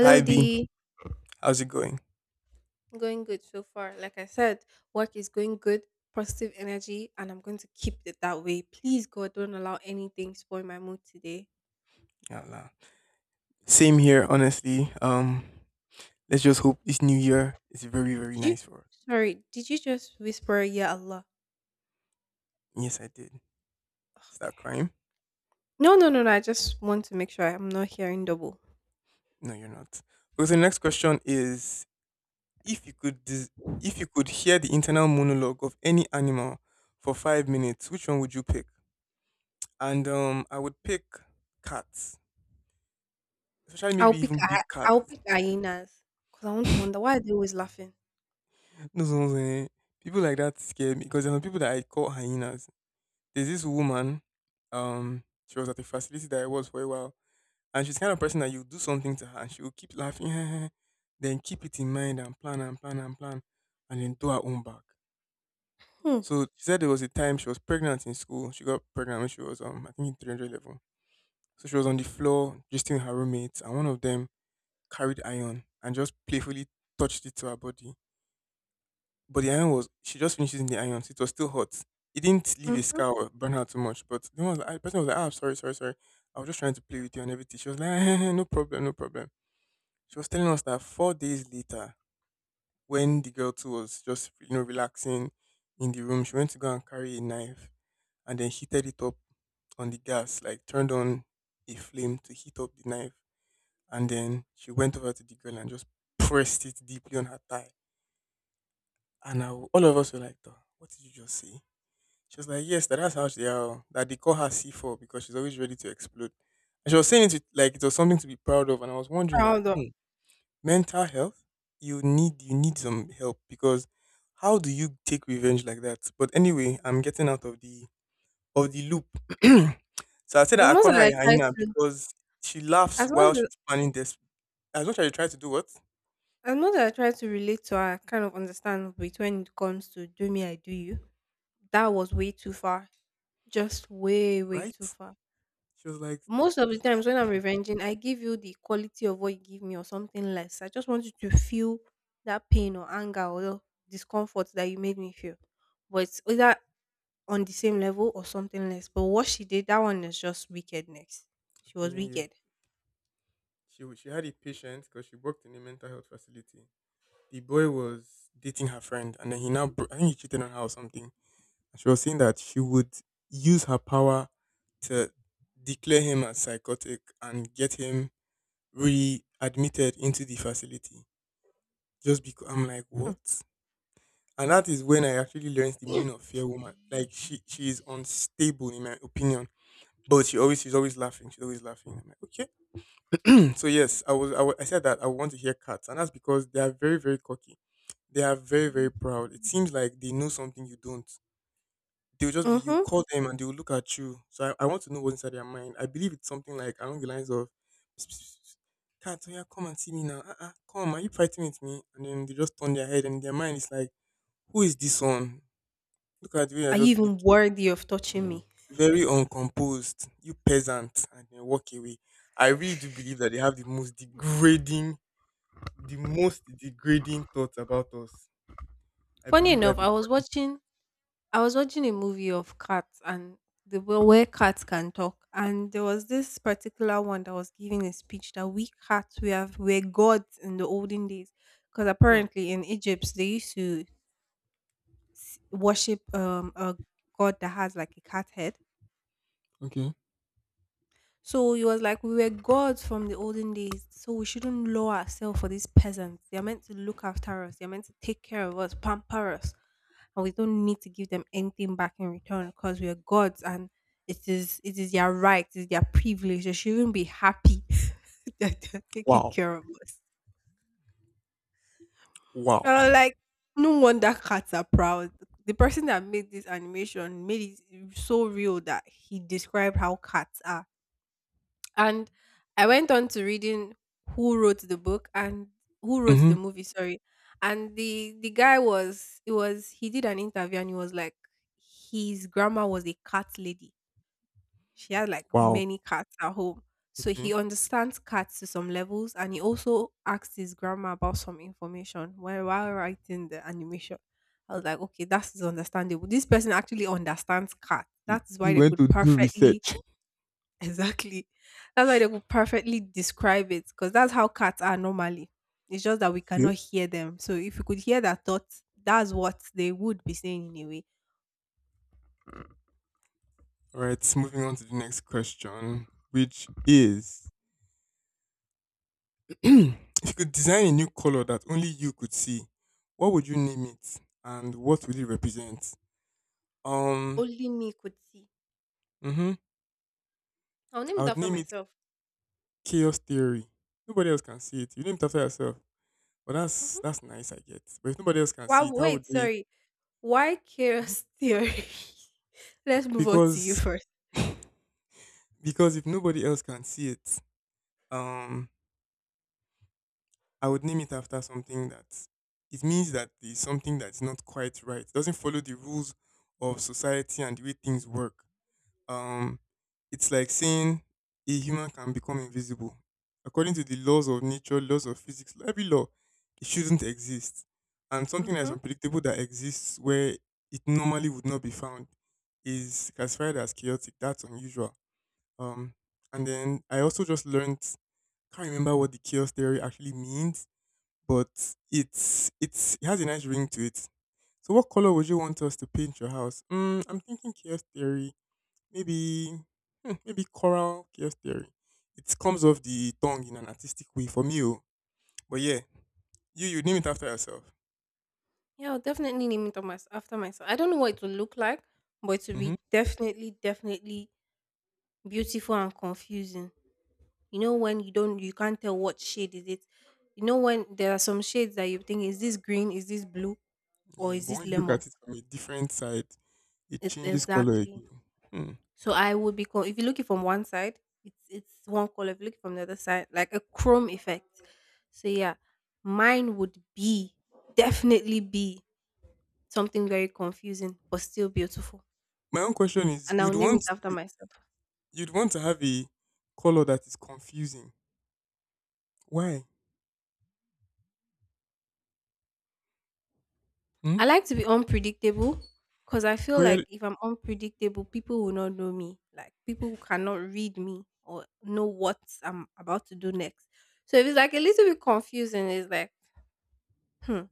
Hi B, D. how's it going? Going good so far. Like I said, work is going good, positive energy, and I'm going to keep it that way. Please, God, don't allow anything spoil my mood today. Yeah, lah, same here, honestly. Let's just hope this new year is very, very Did you? nice for us. Sorry, did you just whisper, "Yeah, Allah"? Yes, I did. Is that Okay. crime? No, no, no, no. I just want to make sure I'm not hearing double. No, you're not. Because the next question is: If you could, hear the internal monologue of any animal for 5 minutes, which one would you pick? And I would pick cats, especially I'll maybe pick. even big I, I'll cats. pick hyenas because I want to wonder why are they always laughing. No, no, no, eh. People like that scare me because there are people that I call hyenas. There's this woman, she was at a facility that I was for a while, and she's the kind of person that you do something to her and she will keep laughing, then keep it in mind and plan and plan and plan, and then do her own back. Hmm. So she said there was a time she was pregnant in school. She got pregnant when she was I think in 300 level. So she was on the floor just with her roommates, and one of them carried iron and just playfully touched it to her body. But the iron was she just finished using the iron, so it was still hot. It didn't leave a Mm-hmm. scar or burn her too much. But the one was like, the person was like, ah, sorry, sorry, sorry. I was just trying to play with you and everything. She was like, no problem, no problem. She was telling us that 4 days later, when the girl too was just relaxing in the room, she went to go and carry a knife and then heated it up on the gas, like turned on a flame to heat up the knife. And then she went over to the girl and just pressed it deeply on her thigh. And all of us were like, "Duh, what did you just say?" She was like, yes, that's how she how that they call her C4 because she's always ready to explode. And she was saying it with- like it was something to be proud of. And I was wondering that, Proud of. hey, mental health, you need some help because how do you take revenge like that? But anyway, I'm getting out of the loop. So I said As that I much call as her a I try hyena to, because she laughs as much while as she's planning this. As much as you try to do what? as much as I try to relate to her, I kind of understand between it comes to do me, I do you. That was way too far. Just way, way Right? too far. She was like, Most of the I'm times when I'm revenging, I give you the quality of what you give me or something less. I just want you to feel that pain or anger or discomfort that you made me feel. But it's either on the same level or something less. But what she did, that one is just wickedness. She was telling you, wicked. she had a patient because she worked in a mental health facility. The boy was dating her friend, and then he now I think he cheated on her or something. And she was saying that she would use her power to declare him as psychotic and get him readmitted into the facility. Just because I'm like, what? And that is when I actually learned the meaning of fear woman. Like she is unstable in my opinion, but she's always laughing. She's always laughing. I'm like, okay. So yes, I said that I want to hear cats, and that's because they are very very cocky. They are very, very proud. It seems like they know something you don't. They'll just be, you Mm-hmm. call them and they'll look at you. So I want to know what's inside their mind. I believe it's something like along the lines of, cat, oh yeah, come and see me now. Uh-uh, come, are you fighting with me? And then they just turn their head and their mind is like, who is this one? Look at the way you're Are you just even looking. worthy of touching me? Very uncomposed, you peasant, and then walk away. I really do believe that they have the most degrading thoughts about us. I Funny believe enough, that is what it is. I was watching a movie of cats and the way where cats can talk, and there was this particular one that was giving a speech that we cats we have were gods in the olden days, because Hmm. apparently in Egypt they used to worship a god that has like a cat head. Okay. So he was like, we were gods from the olden days, so we shouldn't lower ourselves for these peasants. They're meant to look after us, they're meant to take care of us, pamper us, and we don't need to give them anything back in return because we are gods and it is their right, it is their privilege. They shouldn't be happy that they're taking Wow. care of us. And Wow. I'm like, no wonder cats are proud. The person that made this animation made it so real that he described how cats are. And I went on to reading who wrote the book and who wrote Hmm. the movie, sorry. And the guy was it was he did an interview and he was like his grandma was a cat lady. She had like Wow. many cats at home. So Okay. he understands cats to some levels and he also asked his grandma about some information while writing the animation. I was like, okay, that's understandable. This person actually understands cats. You, That's you why they went could to do perfectly research. exactly. That's why they could perfectly describe it because that's how cats are normally. It's just that we Yep. cannot hear them. So if you could hear their thoughts, that's what they would be saying in a way. All right. Moving on to the next question, which is if you could design a new color that only you could see, what would you name it and what would it represent? Um, Only me could see. hmm I'll name I it would after name it myself. Chaos Theory. Nobody else can see it. You name it after yourself. But that's Hmm. that's nice, I get. But if nobody else can see Wow, it, how would wait, they? sorry. Why Mhm. chaos theory? Let's move on to you Because 1st. because if nobody else can see it, um, I would name it after something that it means that there's something that's not quite right. It doesn't follow the rules of society and the way things work. Um, it's like saying a human can become invisible. According to the laws of nature, laws of physics, every law, it shouldn't exist. And something that's Mm-hmm. unpredictable that exists where it normally would not be found is classified as chaotic. That's unusual. Um, and then I also just learned, can't remember what the chaos theory actually means, but it has a nice ring to it. So what color would you want us to paint your house? Mm, I'm thinking chaos theory, maybe hmm, maybe coral chaos theory. It comes off the tongue in an artistic way for me, oh. But yeah, you name it after yourself. Yeah, I'll definitely name it on mys- after myself. I don't know what it will look like, but it will Hmm. be definitely, definitely beautiful and confusing. You know when you can't tell what shade is it. You know when there are some shades that you think is this green, is this blue, or Yeah, is but this when you look lemon? at it from a different side, it It's changes color exactly. again. Hmm. So I would be called if you look it from one side, it's one color. If you look it from the other side, like a chrome effect. So yeah, mine would be definitely be something very confusing but still beautiful. My own question is, And I'll name it after you, myself. you'd want to have a color that is confusing. Why? Hmm? I like to be unpredictable because I But feel you're, like if I'm unpredictable, people will not know me. Like people cannot read me or know what I'm about to do next. So if it's like a little bit confusing, it's like, hmm,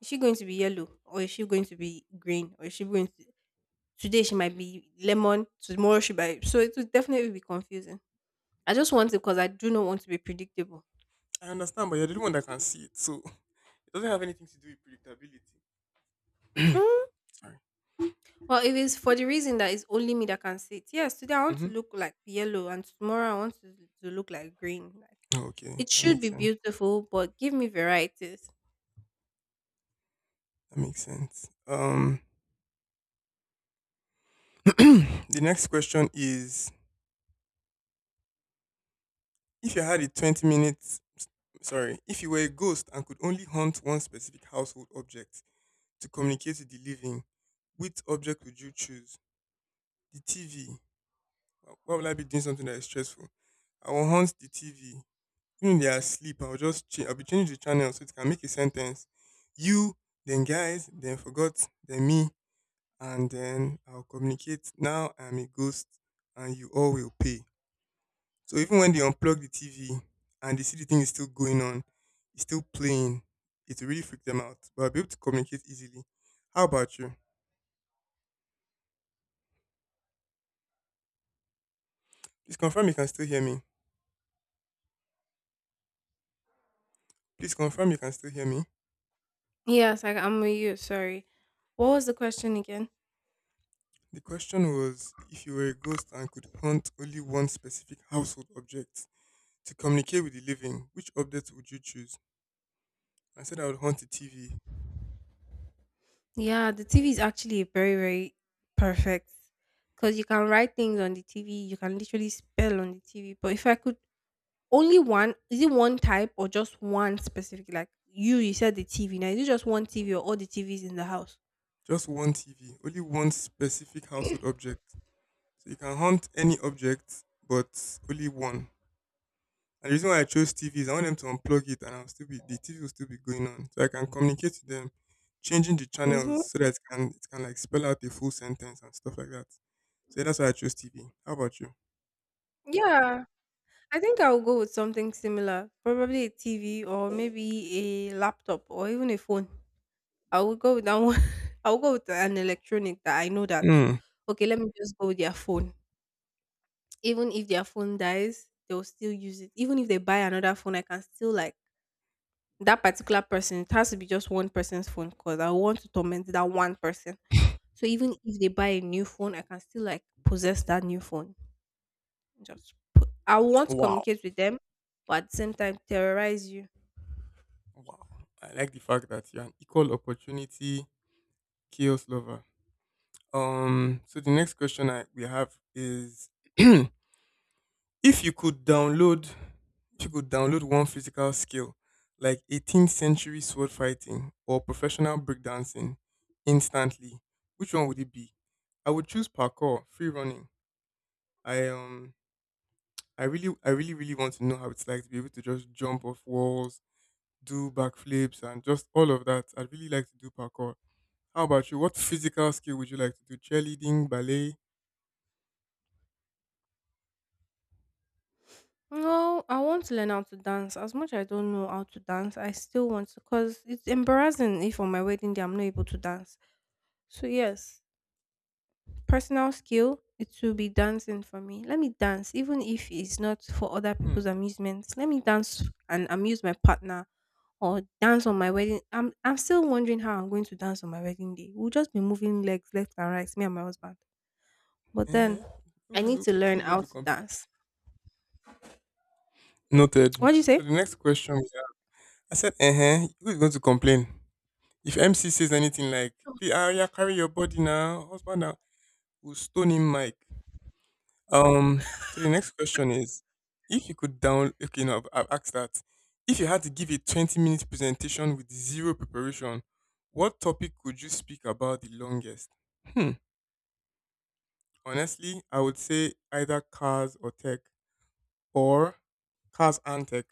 is she going to be yellow or is she going to be green or is she going to today she might be lemon, tomorrow she might, so it will definitely be confusing. I just want it because I do not want to be predictable. I understand, but you're the only one that can see it, so it doesn't have anything to do with predictability. Sorry. Well, if it's for the reason that it's only me that can see it, yes, today I want to Mm-hmm. look like yellow and tomorrow I want to look like green. Like, Oh, okay, it that should makes be sense. beautiful, but give me varieties. That makes sense. The next question is: If you had a 20 minutes, sorry, if you were a ghost and could only hunt one specific household object to communicate with the living, which object would you choose? The TV. Why would I be doing something that is stressful? I will hunt the TV. Even if they are asleep, I'll just change. I'll be changing the channel so it can make a sentence. You, then guys, then forgot, then me. And then I'll communicate. Now I'm a ghost, and you all will pay. So even when they unplug the TV and they see the thing is still going on, it's still playing, it really freaked them out. But I'll be able to communicate easily. How about you? Please confirm you can still hear me. Please confirm you can still hear me. Yes, I'm with you. Sorry. What was the question again? The question was, if you were a ghost and could haunt only one specific household object to communicate with the living, which object would you choose? I said I would haunt a TV. Yeah, the TV is actually very, very perfect because you can write things on the TV. You can literally spell on the TV. But if I could only one? Is it one type or just one specific? Like you said the TV. Now is it just one TV or all the TVs in the house? Just one TV, only one specific household object. So you can hunt any object, but only one. And the reason why I chose TV is I want them to unplug it and I'll still be the TV will still be going on. So I can communicate to them, changing the channels Mm-hmm. so that it can like spell out a full sentence and stuff like that. So yeah, that's why I chose TV. How about you? Yeah, I think I will go with something similar. Probably a TV or maybe a laptop or even a phone. I will go with that one. I will go with an electronic that I know that. Hmm. Okay, let me just go with their phone. Even if their phone dies, they'll still use it. Even if they buy another phone, I can still like that particular person. It has to be just one person's phone because I want to torment that one person. So even if they buy a new phone, I can still like possess that new phone. Just put, I want to Wow. communicate with them, but at the same time terrorize you. Wow. I like the fact that you're an equal opportunity chaos lover. So the next question I we have is If you could download, if you could download one physical skill like 18th century sword fighting or professional breakdancing instantly, which one would it be? I would choose parkour, free running. I um, I really, really want to know how it's like to be able to just jump off walls, do backflips, and just all of that. I'd really like to do parkour. How about you? What physical skill would you like to do? Cheerleading, ballet? No, I want to learn how to dance. As much as I don't know how to dance, I still want to because it's embarrassing if on my wedding day I'm not able to dance. So yes, personal skill, it will be dancing for me. Let me dance, even if it's not for other Hmm. people's amusements. Let me dance and amuse my partner or dance on my wedding. I'm still wondering how I'm going to dance on my wedding day. We'll just be moving legs left and right, me and my husband. But then Uh-huh. I need Who's, to learn who's going how to to complain? dance. Noted. What do you So say? the next question. I said, uh huh. Who's going to complain? If MC says anything like, "Hey, Aria, carry your body now, husband now," we'll stone him, Mike. So the next question is, if you could down, okay, no, I've asked that. If you had to give a 20-minute presentation with zero preparation, what topic could you speak about the longest? Hmm. Honestly, I would say either cars or tech, or cars and tech.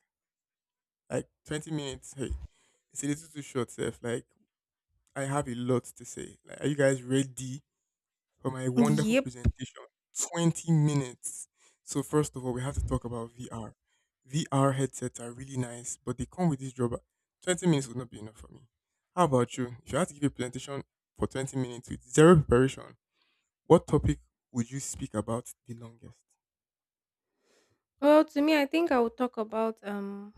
Like 20 minutes. Hey, it's a little too short, Seth. Like I have a lot to say. Like, are you guys ready for my wonderful Yep. presentation? 20 minutes. So, first of all, we have to talk about VR. VR headsets are really nice, but they come with this drawback. 20 minutes would not be enough for me. How about you? If you had to give a presentation for 20 minutes with zero preparation, what topic would you speak about the longest? Well, to me, I think I would talk about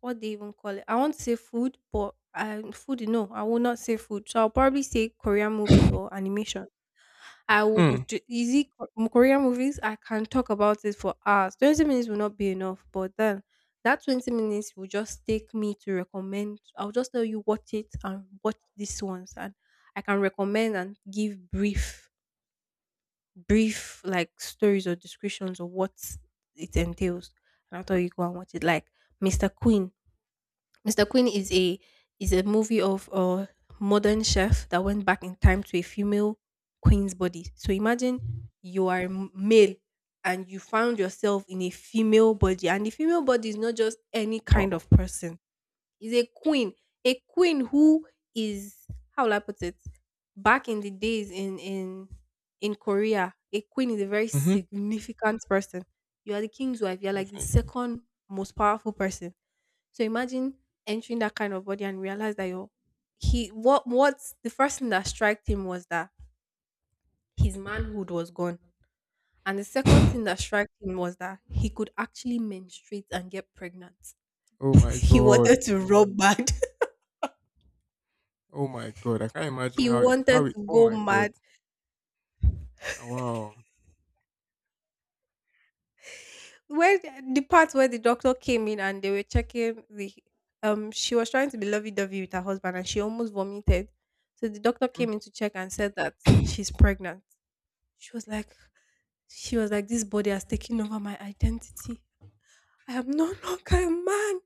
what they even call it. I want to say food, but I food. No, I will not say food. So I'll probably say Korean movies or animation. I Hmm. would do easy Ko- Korean movies. I can talk about it for hours. 20 minutes will not be enough, but then that 20 minutes will just take me to recommend. I'll just tell you watch it and watch these ones, and I can recommend and give brief like stories or descriptions of what it entails. And I'll tell you go and watch it, like Mr. Queen. Mr. Queen is a movie of a modern chef that went back in time to a female queen's body. So imagine you are a m- male and you found yourself in a female body, and the female body is not just any kind Wow. of person. Is a queen who is how will I put it? Back in the days in Korea, a queen is a very Mm-hmm. significant person. You are the king's wife. You are like the Definitely. second most powerful person, so imagine entering that kind of body and realize that you he what what's the first thing that struck him was that his manhood was gone. And the second thing that struck him was that he could actually menstruate and get pregnant. Oh my He god. wanted to rub bad. Oh my god. I can't imagine He how wanted how it. to Oh go my god. mad. Wow. Where the part where the doctor came in and they were checking the she was trying to be lovey dovey with her husband and she almost vomited. So the doctor Mhm. came in to check and said that she's pregnant. She was like, she was like, this body has taken over my identity. I am no longer a man.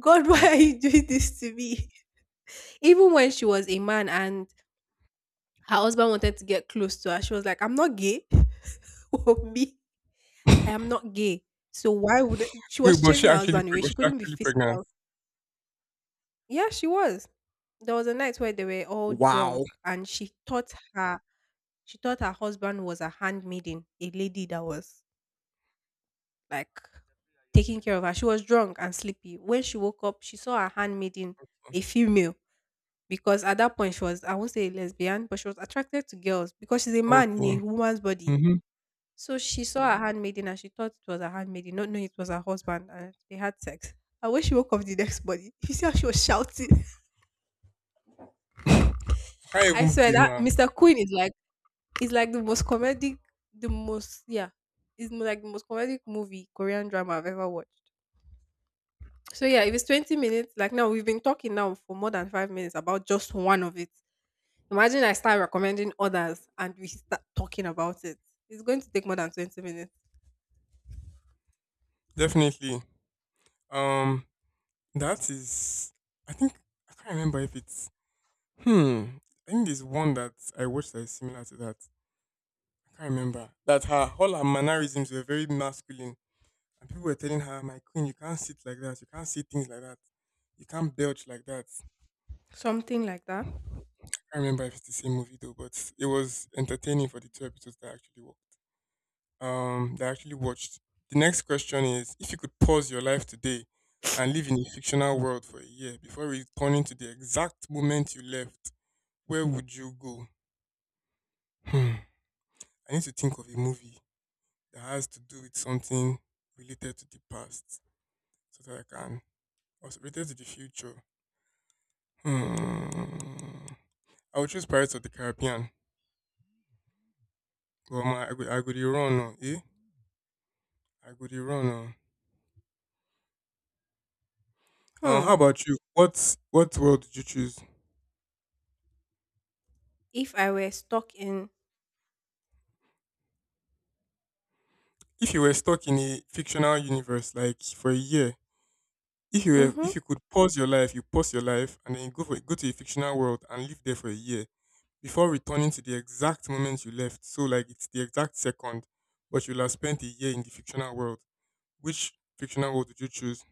God, why are Wow. you doing this to me? Even when she was a man and her husband wanted to get close to her, she was like, I'm not gay. Oh, me, I am not gay. So why would she Wait, was was she chasing her actually husband away? was She she couldn't be actually pregnant? physical. Yeah, she was. There was a night where they were all drunk Wow. and she thought her husband was a handmaiden, a lady that was like taking care of her. She was drunk and sleepy. When she woke up, she saw her handmaiden, a female, because at that point she was, I won't say a lesbian, but she was attracted to girls because she's a man in Okay. a woman's body. Mm-hmm. So she saw her handmaiden and she thought it was her handmaiden, not knowing it was her husband, and they had sex. And when she woke up the next morning, you see how she was shouting. I can't I even swear blame that her. Mr. Queen is like the most comedic, the most yeah, is like the most comedic movie Korean drama I've ever watched. So yeah, if it's 20 minutes, like now we've been talking now for more than 5 minutes about just one of it. Imagine I start recommending others and we start talking about it. It's going to take more than 20 minutes. Definitely. Um, that is. I think I can't remember if it's. Hmm. I think there's one that I watched that is similar to that. I can't remember, that her mannerisms were very masculine, and people were telling her, "My queen, you can't sit like that. You can't say things like that. You can't belch like that." Something like that. I can't remember if it's the same movie though, but it was entertaining for the two episodes that actually worked, that I actually watched. The next question is, if you could pause your life today and live in a fictional world for a year before returning to the exact moment you left, where would you go? Hmm. I need to think of a movie that has to do with something related to the past so that I can, also related to the future. Hmm. I would choose Pirates of the Caribbean. Well, I could be wrong, oh, eh? I could be wrong. Oh. Hmm. How about you? What world did you choose? If I were stuck in If you were stuck in a fictional universe, like for a year, if you were, mm-hmm. if you could pause your life, and then you go to a fictional world and live there for a year before returning to the exact moment you left. So like it's the exact second, but you'll have spent a year in the fictional world. Which fictional world would you choose?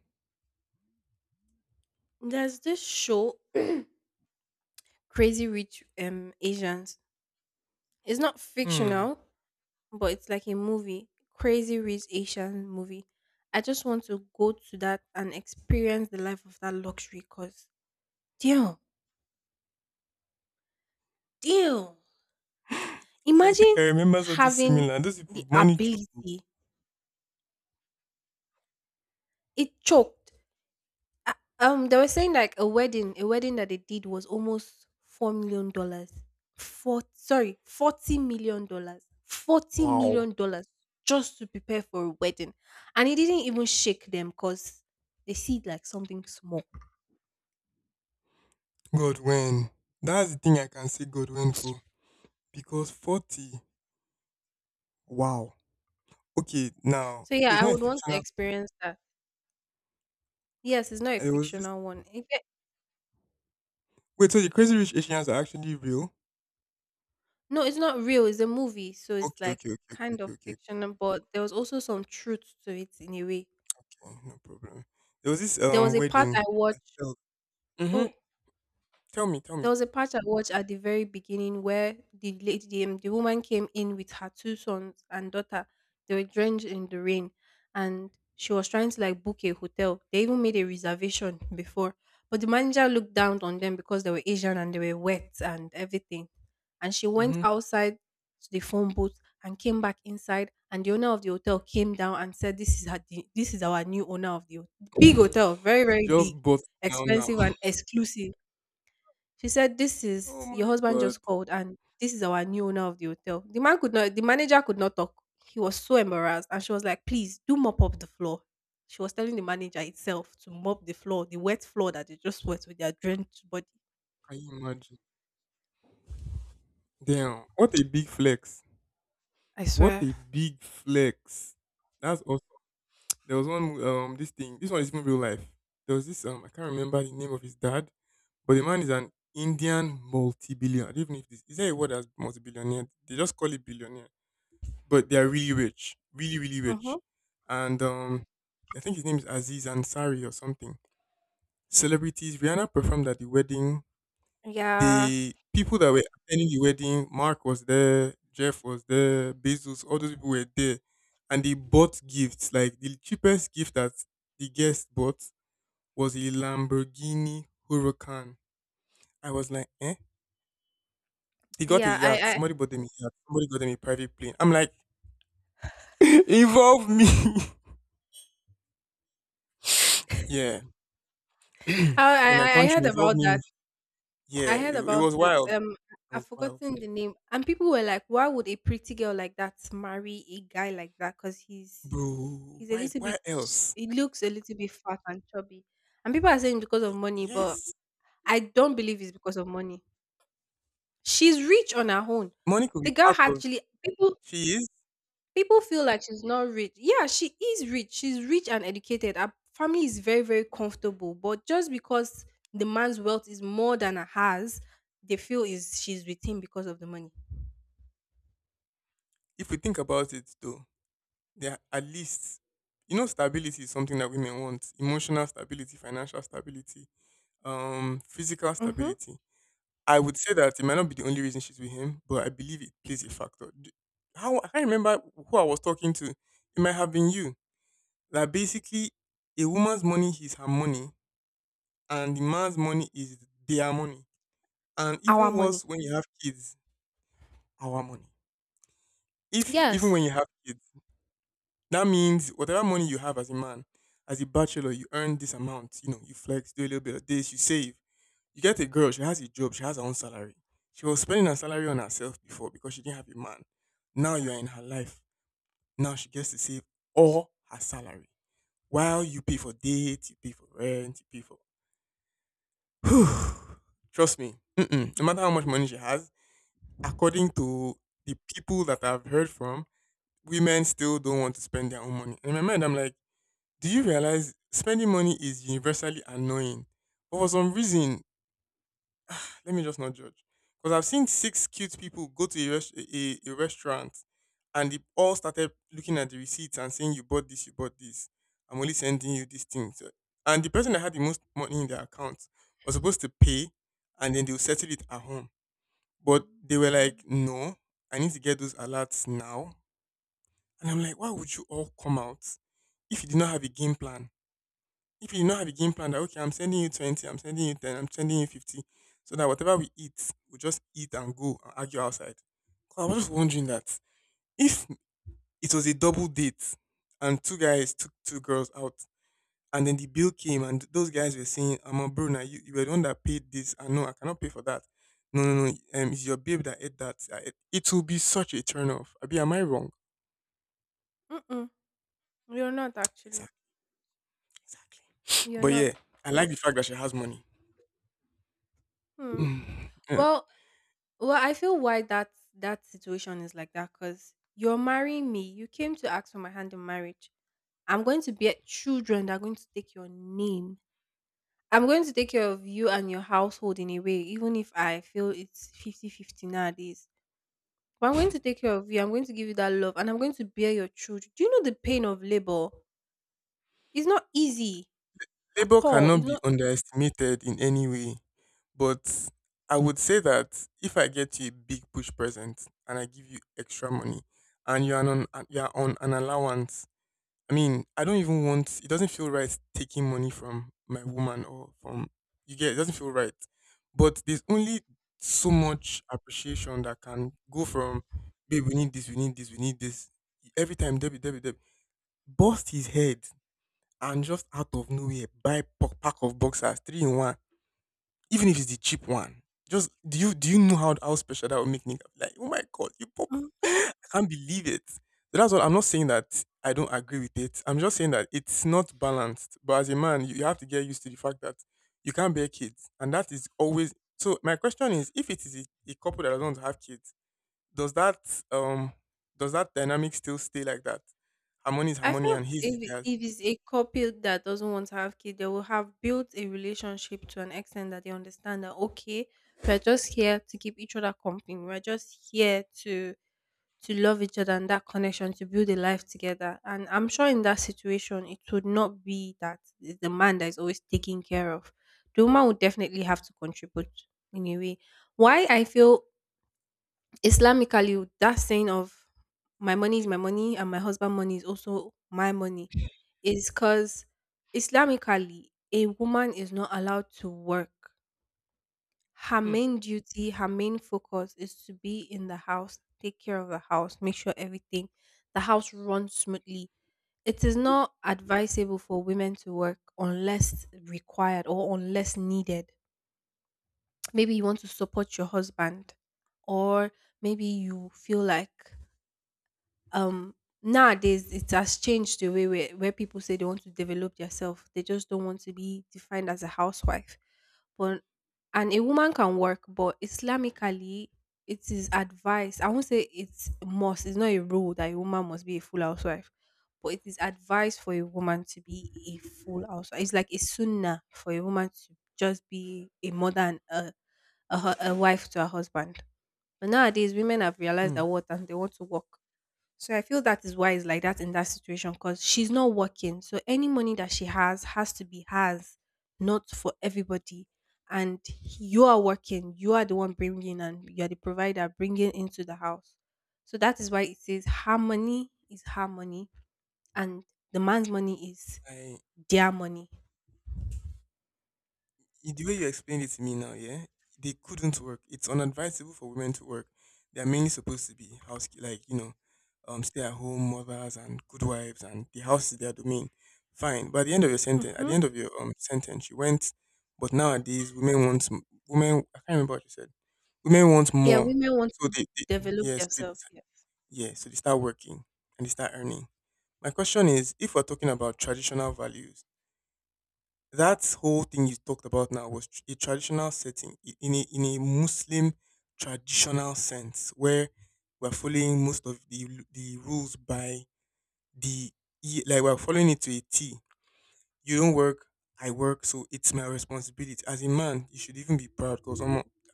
There's this show Crazy Rich Asians. It's not Hmm. fictional, but it's like a movie. Crazy Rich Asian movie. I just want to go to that and experience the life of that luxury cause deal. Deal. I think Imagine I remember something having similar. Those people the money choke. ability. It choked. Uh, they were saying like a wedding that they did was almost $4 million. Four, sorry, $40 million. Forty Wow. million dollars just to prepare for a wedding, and it didn't even shake them because they see it like something small. Godwin. That's the thing I can say Godwin for. Because 40. Wow. Okay, now So yeah, okay, it's I not a would want to fictional. experience that. Yes, it's not a There was this. fictional one. If Wait, so the Crazy Rich Asians are actually real? no, it's not real. It's a movie, so it's Okay, like okay, okay, okay, kind okay, of okay, fictional, but there was also some truth to it in a way. okay. No problem. There was this There was a part wedding. I watched. Mm-hmm. Oh, Tell me, tell there me. was a part I watched at the very beginning where the lady, the woman came in with her two sons and daughter. They were drenched in the rain, and she was trying to like book a hotel. They even made a reservation before, but the manager looked down on them because they were Asian and they were wet and everything. And she went Mm-hmm. outside to the phone booth and came back inside. And the owner of the hotel came down and said, "This is her, this is our new owner of the big hotel, very She very just big, bought now now. expensive and exclusive." She said, "This Oh is your my husband god. just called, and this is our new owner of the hotel." The man could not. The manager could not talk. He was so embarrassed, and she was like, "Please do mop up the floor." She was telling the manager itself to mop the floor, the wet floor that they just wet with their drenched body. Can you imagine? Damn. What a big flex. I What swear. a big flex. That's awesome. There was one this thing. This one is even real life. There was this I can't remember the name of his dad, but the man is an Indian multi-billionaire. I don't even know if this is there a word as multi-billionaire. They just call it billionaire. But they're really rich, really really rich, Mm-hmm. and I think his name is Aziz Ansari or something. Celebrities. Rihanna performed at the wedding. Yeah, The people that were attending the wedding, Mark was there, Jeff was there, Bezos, all those people were there, and they bought gifts. Like the cheapest gift that the guest bought was a Lamborghini Huracan. I was like, eh? They got a yeah. yacht. I, Somebody bought them a yacht. Somebody got them a private plane. I'm like, involve me. Yeah. I, So in I, my I I country heard it involved about me. that. Yeah, I heard it about was it. wild. It I've was wild, forgotten the name. And people were like, "Why would a pretty girl like that marry a guy like that? Because he's bro. He's a Why? little bit Why else? he looks a little bit fat and chubby. And people are saying because of money, but Yes, I don't believe it's because of money. She's rich on her own. money could be The girl part of. actually people She is. people feel like she's not rich. Yeah, she is rich. She's rich and educated. Her family is very, very comfortable. But just because the man's wealth is more than her has, they feel is she's with him because of the money. If we think about it, though, there are at least, stability is something that women want: emotional stability, financial stability, physical Mm-hmm. stability. I would say that it might not be the only reason she's with him, but I believe it plays a factor. How I can't remember who I was talking to. It might have been you. That basically, a woman's money is her money and the man's money is their money. And Our even money. worse, when you have kids, our money. If even Yes. when you have kids, that means whatever money you have as a man, as a bachelor, you earn this amount. You know, you flex, do a little bit of this, you save. You get a girl, she has a job, she has her own salary. She was spending her salary on herself before because she didn't have a man. Now you are in her life. Now she gets to save all her salary. While you pay for dates, you pay for rent, you pay for. Trust me, mm-mm, no matter how much money she has, according to the people that I've heard from, women still don't want to spend their own money. In my mind, I'm like, do you realize spending money is universally annoying? But for some reason, let me just not judge. Because I've seen six cute people go to a restaurant and they all started looking at the receipts and saying, you bought this, you bought this. I'm only sending you these things. And the person that had the most money in their account was supposed to pay and then they'll settle it at home, but they were like, no, I need to get those alerts now. And I'm like, why would you all come out if you did not have a game plan? If you did not have a game plan that, okay, I'm sending you 20, I'm sending you 10, I'm sending you 50, so that whatever we eat, we just eat and go and argue outside. 'Cause I was just wondering that if it was a double date and two guys took two girls out, and then the bill came, and those guys were saying, "I'm a Bruna. You were the one that paid this, and no, I cannot pay for that. No, no, no. It's your babe that ate that. It will be such a turn off. Abi, am I wrong? Mm-mm. You're not actually. Exactly, exactly. You're But not. yeah, I like the fact that she has money. Hmm. Mm, yeah. Well, well, I feel why that situation is like that because you're marrying me. You came to ask for my hand in marriage. I'm going to bear children that are going to take your name. I'm going to take care of you and your household in a way, even if I feel it's fifty fifty nowadays. But I'm going to take care of you. I'm going to give you that love and I'm going to bear your children. Do you know the pain of labor? It's not easy at Labor all. cannot It's be not. underestimated in any way, but I would say that if I get you a big push present and I give you extra money, and you are on an allowance. I mean, I don't even want, it doesn't feel right taking money from my woman or from, you get it, doesn't feel right. But there's only so much appreciation that can go from, babe, we need this, we need this, we need this. Every time Debbie Debbie Debbie bust his head and just out of nowhere buy pack of boxers, three in one, even if it's the cheap one. Just do you know how special that would make me, like, oh my god, you pop. Mhm. Can't believe it. So that's what I'm not saying that I don't agree with it. I'm just saying that it's not balanced. But as a man, you have to get used to the fact that you can't bear kids. And that is always. So my question is, if it is a couple that doesn't want to have kids, does that um does that dynamic still stay like that? Harmony is I harmony feel and his is if theirs. if it's a couple that doesn't want to have kids, they will have built a relationship to an extent that they understand that okay, we're just here to keep each other company. We're just here to love each other and that connection to build a life together. And I'm sure in that situation, it would not be that it's the man that is always taken care of. The woman would definitely have to contribute in a way. Why I feel Islamically, that saying of my money is my money and my husband money is also my money is because Islamically, a woman is not allowed to work. Her Hmm. main duty, her main focus is to be in the house, take care of the house, make sure everything, the house runs smoothly. It is not advisable for women to work unless required or unless needed, maybe you want to support your husband, or maybe you feel like, um nowadays it has changed the way where people say they want to develop themselves, they just don't want to be defined as a housewife, but, and a woman can work, but Islamically it is advised. I won't say it's must, it's not a rule that a woman must be a full housewife, but it is advised for a woman to be a full housewife. It's like a sunnah for a woman to just be a mother and a wife to her husband. But nowadays women have realized Hmm. that what, and they want to work. So I feel that is why it's like that in that situation because she's not working. So any money that she has to be hers, not for everybody. And you are working, you are the one bringing, and you are the provider bringing into the house. So that is why it says her money is her money and the man's money is I their money. The way you explained it to me now, yeah, they couldn't work. It's unadvisable for women to work. They are mainly supposed to be house, like stay-at-home mothers and good wives, and the house is their domain. Fine, but at the end of your sentence, at the Hmm. end of your sentence, you went. But nowadays, women want, women. I can't remember what you said. Women want Yeah, more, women want so to develop yeah, so they, themselves. Yes. they start working and they start earning. My question is, if we're talking about traditional values, that whole thing you talked about now was a traditional setting, in a Muslim traditional sense where we're following most of the the rules by the like we're following it to a T. You don't work, I work, so it's my responsibility. As a man, you should even be proud because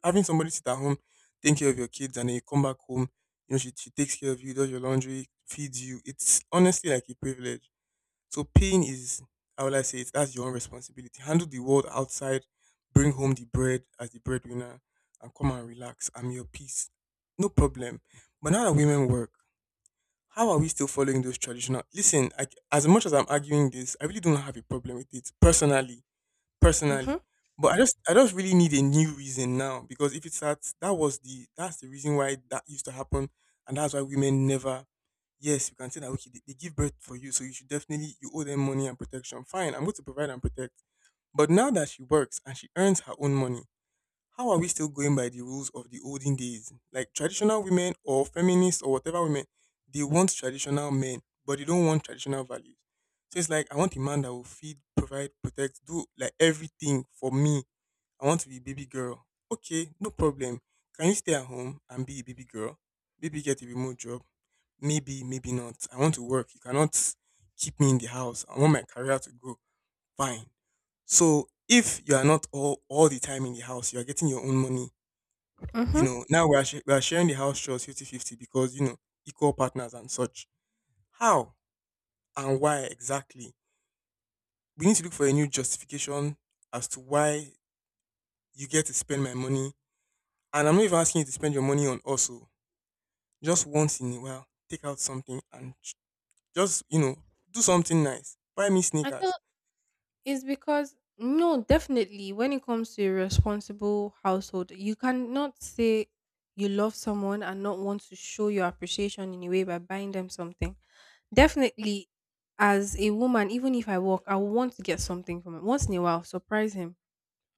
having somebody sit at home, take care of your kids, and then you come back home, she takes care of you, does your laundry, feeds you. It's honestly like a privilege. So pain is, how will I say it? That's your own responsibility. Handle the world outside, bring home the bread as the breadwinner, and come and relax. I'm your peace. No problem. But now that women work, how are we still following those traditional? Listen, I, as much as I'm arguing this, I really don't have a problem with it personally, personally. Mm-hmm. But I just really need a new reason now, because if it's that, that was the that's the reason why that used to happen and that's why women never. Yes, you can say that, okay, they give birth for you, so you should definitely, you owe them money and protection. Fine, I'm going to provide and protect. But now that she works and she earns her own money, how are we still going by the rules of the olden days? Like, traditional women or feminists or whatever women, they want traditional men, but they don't want traditional values. So it's like, I want a man that will feed, provide, protect, do like everything for me. I want to be baby girl. Okay, no problem. Can you stay at home and be a baby girl? Maybe get a remote job. Maybe, maybe not. I want to work. You cannot keep me in the house. I want my career to grow. Fine. So if you are not all the time in the house, you are getting your own money, Mm-hmm. Now we are, sharing the house chores fifty-fifty because, equal partners and such. How and why exactly? We need to look for a new justification as to why you get to spend my money. And I'm not even asking you to spend your money on also. Just once in a while, take out something and just, do something nice. Buy me I feel sneakers. is because no, definitely when it comes to a responsible household, you cannot say you love someone and not want to show your appreciation in a way by buying them something. Definitely as a woman, even if I work, I will want to get something from him. Once in a while, surprise him.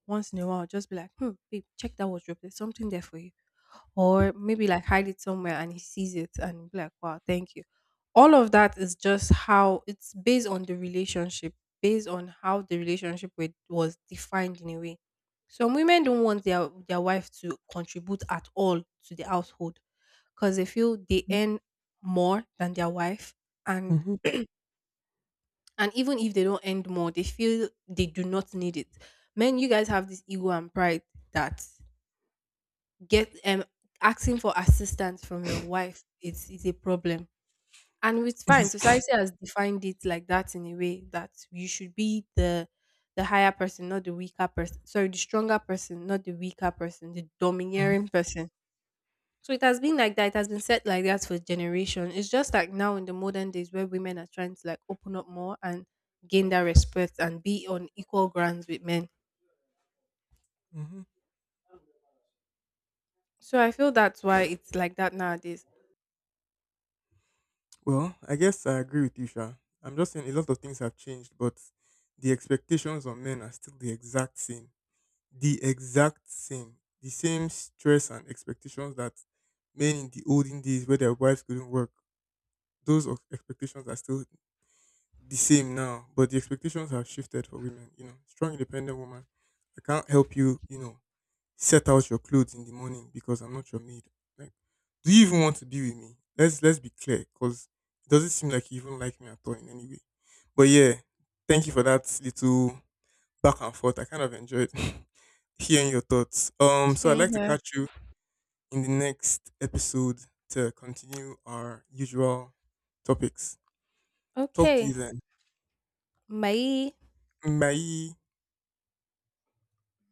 Once in a while, just be like, hmm, babe, check that wardrobe. There's something there for you, or maybe like hide it somewhere and he sees it and be like, wow, thank you. All of that is just how it's based on the relationship, based on how the relationship with, was defined in a way. Some women don't want their wife to contribute at all to the household because they feel they earn more than their wife, and Mm-hmm. and even if they don't earn more, they feel they do not need it. Men, you guys have this ego and pride that get asking for assistance from your wife is a problem. And it's fine, society has defined it like that in a way that you should be the higher person, not the weaker person, sorry, the stronger person, not the weaker person, the domineering person. So it has been like that, it has been set like that for generation. It's just like now in the modern days where women are trying to like open up more and gain that respect and be on equal grounds with men. Hmm. So I feel that's why it's like that nowadays. Well, I guess I agree with you, Sha. I'm just saying a lot of things have changed, but the expectations on men are still the exact same, the exact same. The same stress and expectations that men in the olden days where their wives couldn't work, those of expectations are still the same now. But the expectations have shifted for women. Strong independent woman. I can't help you, set out your clothes in the morning because I'm not your maid. Like, do you even want to be with me? Let's be clear, because it doesn't seem like you even like me at all in any way. But yeah, thank you for that little back and forth. I kind of enjoyed hearing your thoughts. So I'd Same like to here. catch you in the next episode to continue our usual topics. Talk to you Okay. then. 没 Bye.